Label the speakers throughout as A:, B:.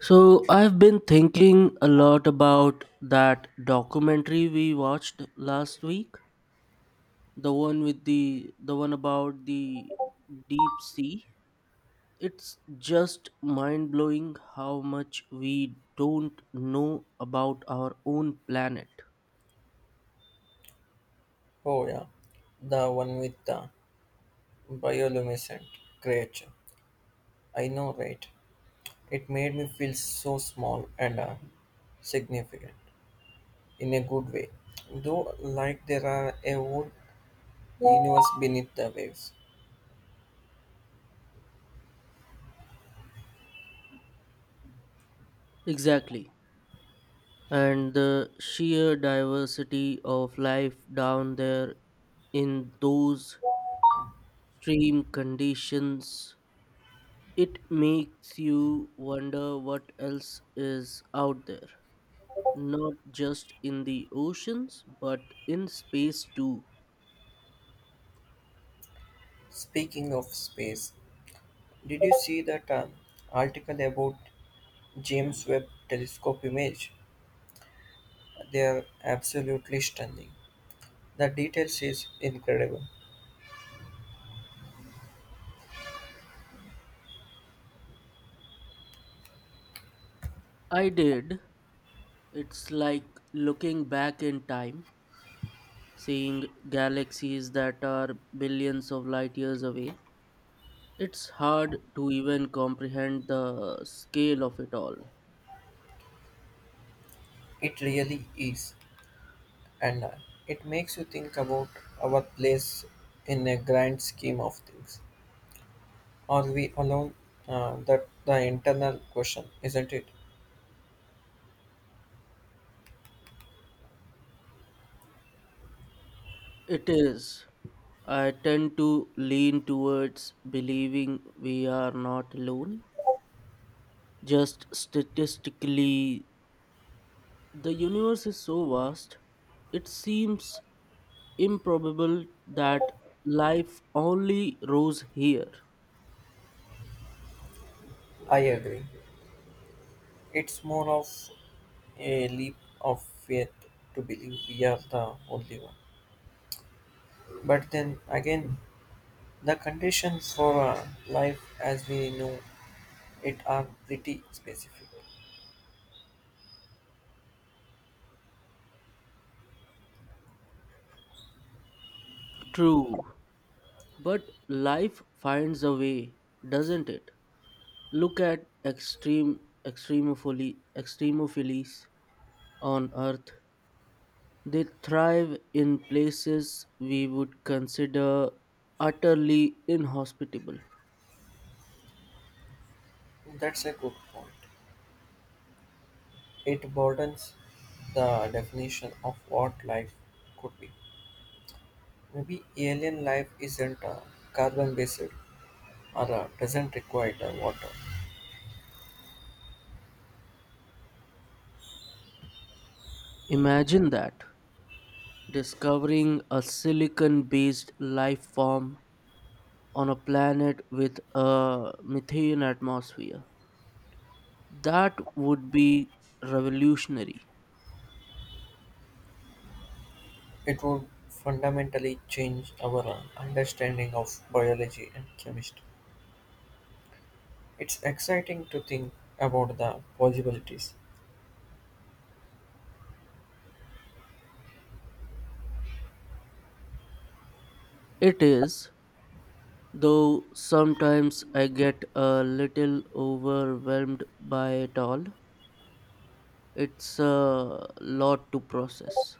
A: So I've been thinking a lot about that documentary we watched last week, the one about the deep sea. It's just mind-blowing how much we don't know about our own planet.
B: Oh yeah, the one with the bioluminescent creature. I know, right? It made me feel so small and significant in a good way. Though, like there are a whole universe beneath the waves.
A: Exactly. And the sheer diversity of life down there in those extreme conditions, it makes you wonder what else is out there, not just in the oceans, but in space too.
B: Speaking of space, did you see that article about James Webb Telescope image? They are absolutely stunning. The details is incredible.
A: I did. It's like looking back in time, seeing galaxies that are billions of light years away. It's hard to even comprehend the scale of it all.
B: It really is. And it makes you think about our place in a grand scheme of things. Are we alone? That the internal question, isn't it?
A: It is. I tend to lean towards believing we are not alone, just statistically. The universe is so vast, it seems improbable that life only rose here.
B: I agree. It's more of a leap of faith to believe we are the only one. But then again, the conditions for life as we know it are pretty specific.
A: True, but life finds a way, doesn't it? Look at extreme extremophily extremophiles on Earth. They thrive in places we would consider utterly inhospitable.
B: That's a good point. It broadens the definition of what life could be. Maybe alien life isn't carbon based or doesn't require water.
A: Imagine that, discovering a silicon based life form on a planet with a methane atmosphere. That would be revolutionary.
B: It would fundamentally change our understanding of biology and chemistry. It's exciting to think about the possibilities.
A: It is, though sometimes I get a little overwhelmed by it all. It's a lot to process.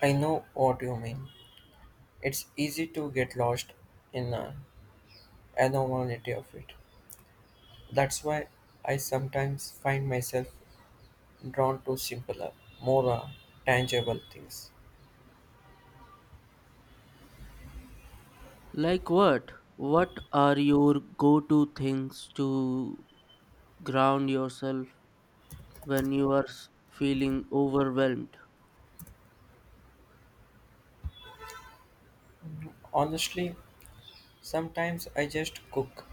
B: I know what you mean. It's easy to get lost in the abnormality of it. That's why I sometimes find myself drawn to simpler, more tangible things.
A: Like what? What are your go to things to ground yourself when you are feeling overwhelmed?
B: Honestly, sometimes I just cook.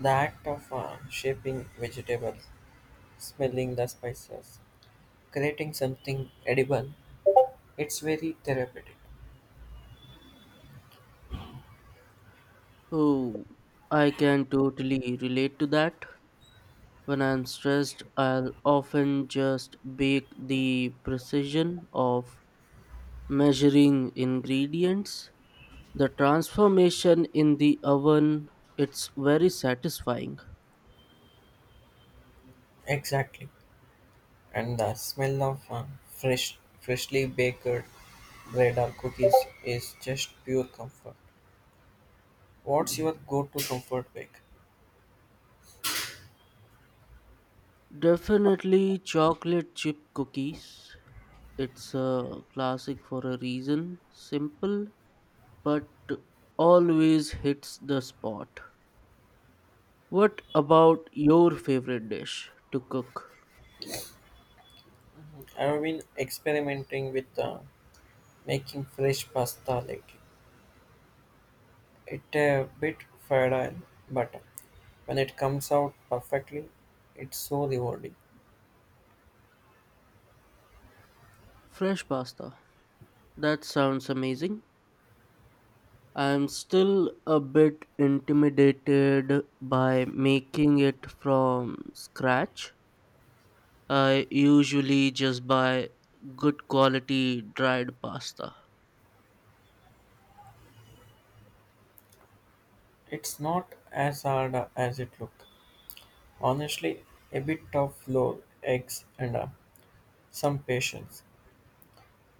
B: The act of shaping vegetables, smelling the spices, creating something edible, it's very therapeutic.
A: Oh, I can totally relate to that. When I'm stressed, I'll often just bake, the precision of measuring ingredients. The transformation in the oven, it's very satisfying.
B: Exactly. And the smell of freshly baked bread or cookies is just pure comfort. What's your go-to comfort bake?
A: Definitely chocolate chip cookies. It's a classic for a reason. Simple, but always hits the spot. What about your favorite dish to cook?
B: I've been experimenting with making fresh pasta lately. It's a bit fragile, but when it comes out perfectly, it's so rewarding.
A: Fresh pasta. That sounds amazing. I'm still a bit intimidated by making it from scratch. I usually just buy good quality dried pasta.
B: It's not as hard as it looked. Honestly, a bit of flour, eggs, and some patience.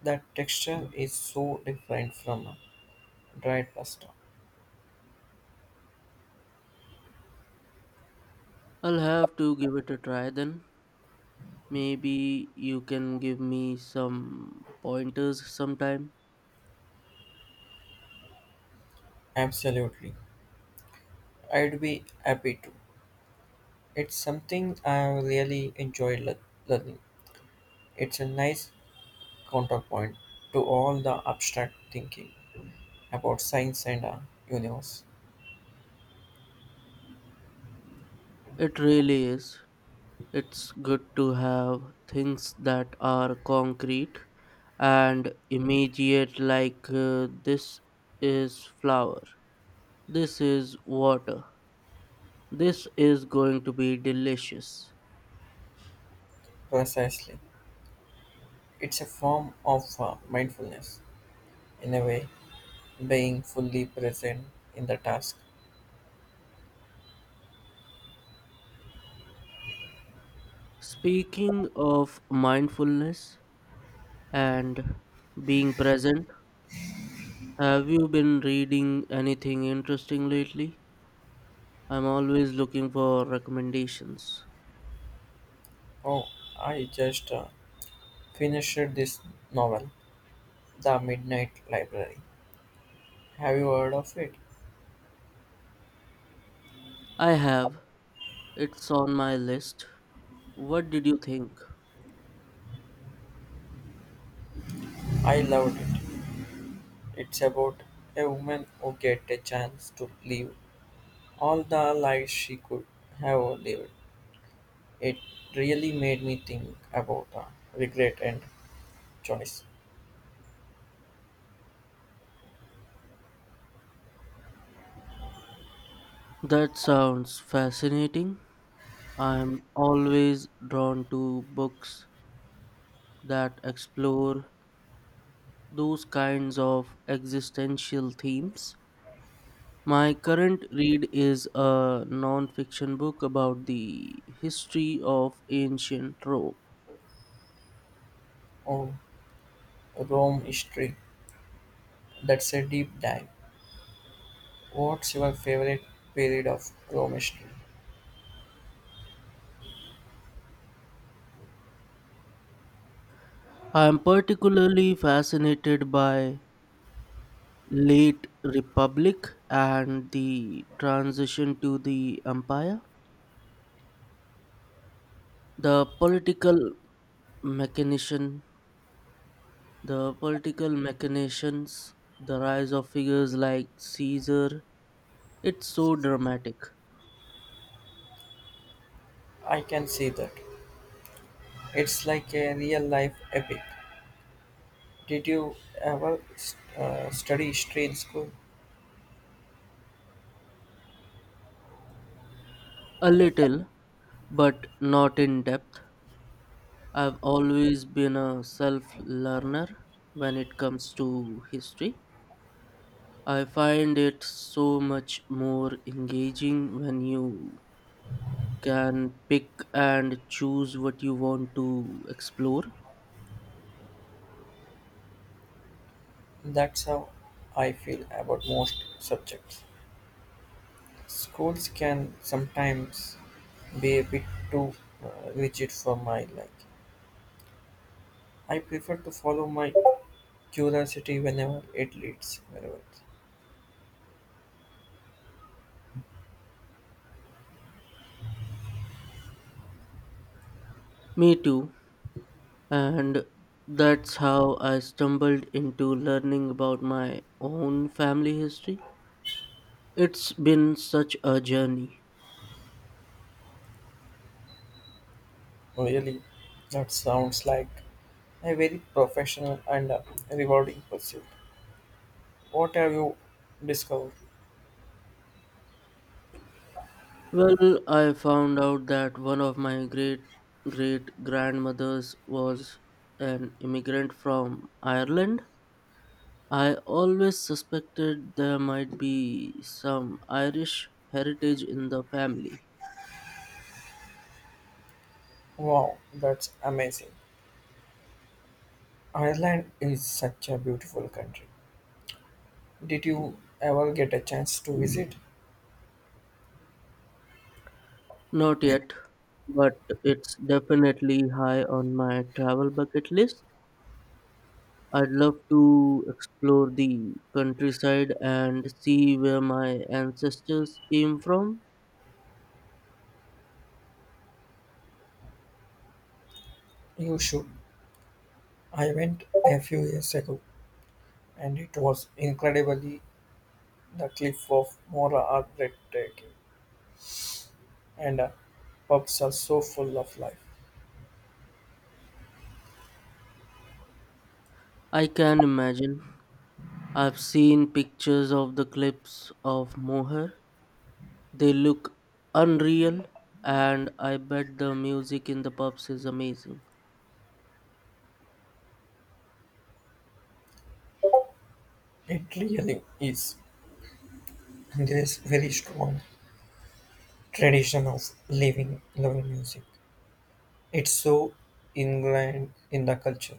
B: That texture is so different from dried pasta.
A: I'll have to give it a try then. Maybe you can give me some pointers sometime.
B: Absolutely. I'd be happy to. It's something I really enjoy learning. It's a nice counterpoint to all the abstract thinking about science and universe.
A: It really is. It's good to have things that are concrete and immediate, like, this is flour. This is water. This is going to be delicious.
B: Precisely. It's a form of mindfulness, in a way. Being fully present in the task.
A: Speaking of mindfulness and being present, have you been reading anything interesting lately? I'm always looking for recommendations.
B: Oh, I just finished this novel, The Midnight Library. Have you heard of it?
A: I have. It's on my list. What did you think?
B: I loved it. It's about a woman who gets a chance to live all the life she could have lived. It really made me think about regret and choice.
A: That sounds fascinating. I'm always drawn to books that explore those kinds of existential themes. My current read is a non-fiction book about the history of ancient Rome.
B: Oh, Rome history. That's a deep dive. What's your favorite period of Rome history?
A: I am particularly fascinated by late republic and the transition to the empire, the political mechanician, the political machinations, the rise of figures like Caesar. It's so dramatic.
B: I can see that. It's like a real life epic. Did you ever study history in school?
A: A little, but not in depth. I've always been a self learner when it comes to history. I find it so much more engaging when you can pick and choose what you want to explore.
B: That's how I feel about most subjects. Schools can sometimes be a bit too rigid for my like. I prefer to follow my curiosity whenever it leads. Wherever.
A: Me too. And that's how I stumbled into learning about my own family history. It's been such a journey.
B: Really, that sounds like a very professional and rewarding pursuit. What have you discovered?
A: Well, I found out that one of my great great grandmothers was an immigrant from Ireland. I always suspected there might be some Irish heritage in the family.
B: Wow, that's amazing. Ireland is such a beautiful country. Did you ever get a chance to visit?
A: Not yet, but it's definitely high on my travel bucket list. I'd love to explore the countryside and see where my ancestors came from.
B: You should. I went a few years ago and it was incredibly the cliff of Mora are breathtaking and pubs are so full of life.
A: I can imagine. I've seen pictures of the cliffs of Moher. They look unreal, and I bet the music in the pubs is amazing.
B: It really is. There is very strong tradition of living loving music. It's so ingrained in the culture.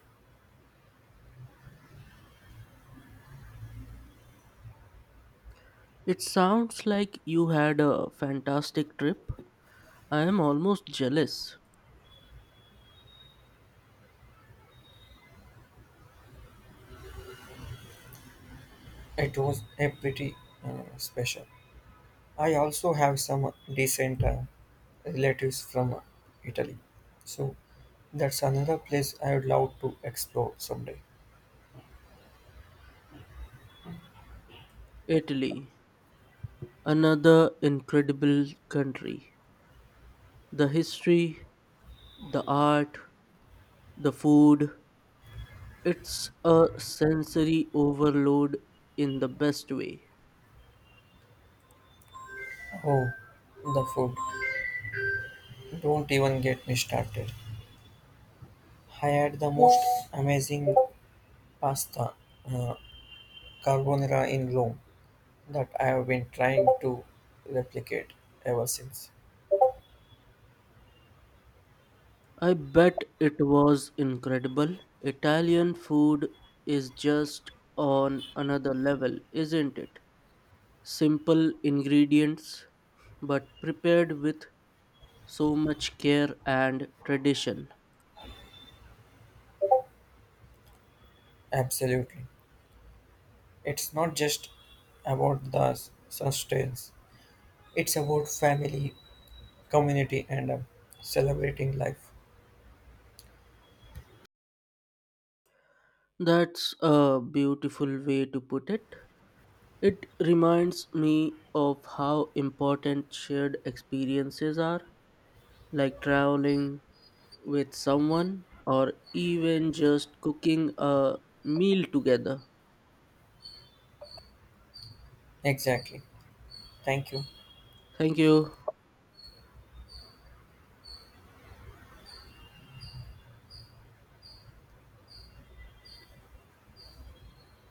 A: It sounds like you had a fantastic trip. I am almost jealous.
B: It was a pretty special. I also have some decent relatives from Italy. So that's another place I would love to explore someday.
A: Italy, another incredible country. The history, the art, the food. It's a sensory overload in the best way.
B: Oh, the food. Don't even get me started. I had the most amazing pasta uh, carbonara in Rome that I have been trying to replicate ever since.
A: I bet it was incredible. Italian food is just on another level, isn't it? Simple ingredients, but prepared with so much care and tradition.
B: Absolutely. It's not just about the sustenance, it's about family, community, and celebrating life.
A: That's a beautiful way to put it. It reminds me of how important shared experiences are, like traveling with someone or even just cooking a meal together.
B: Exactly. Thank you.
A: Thank you.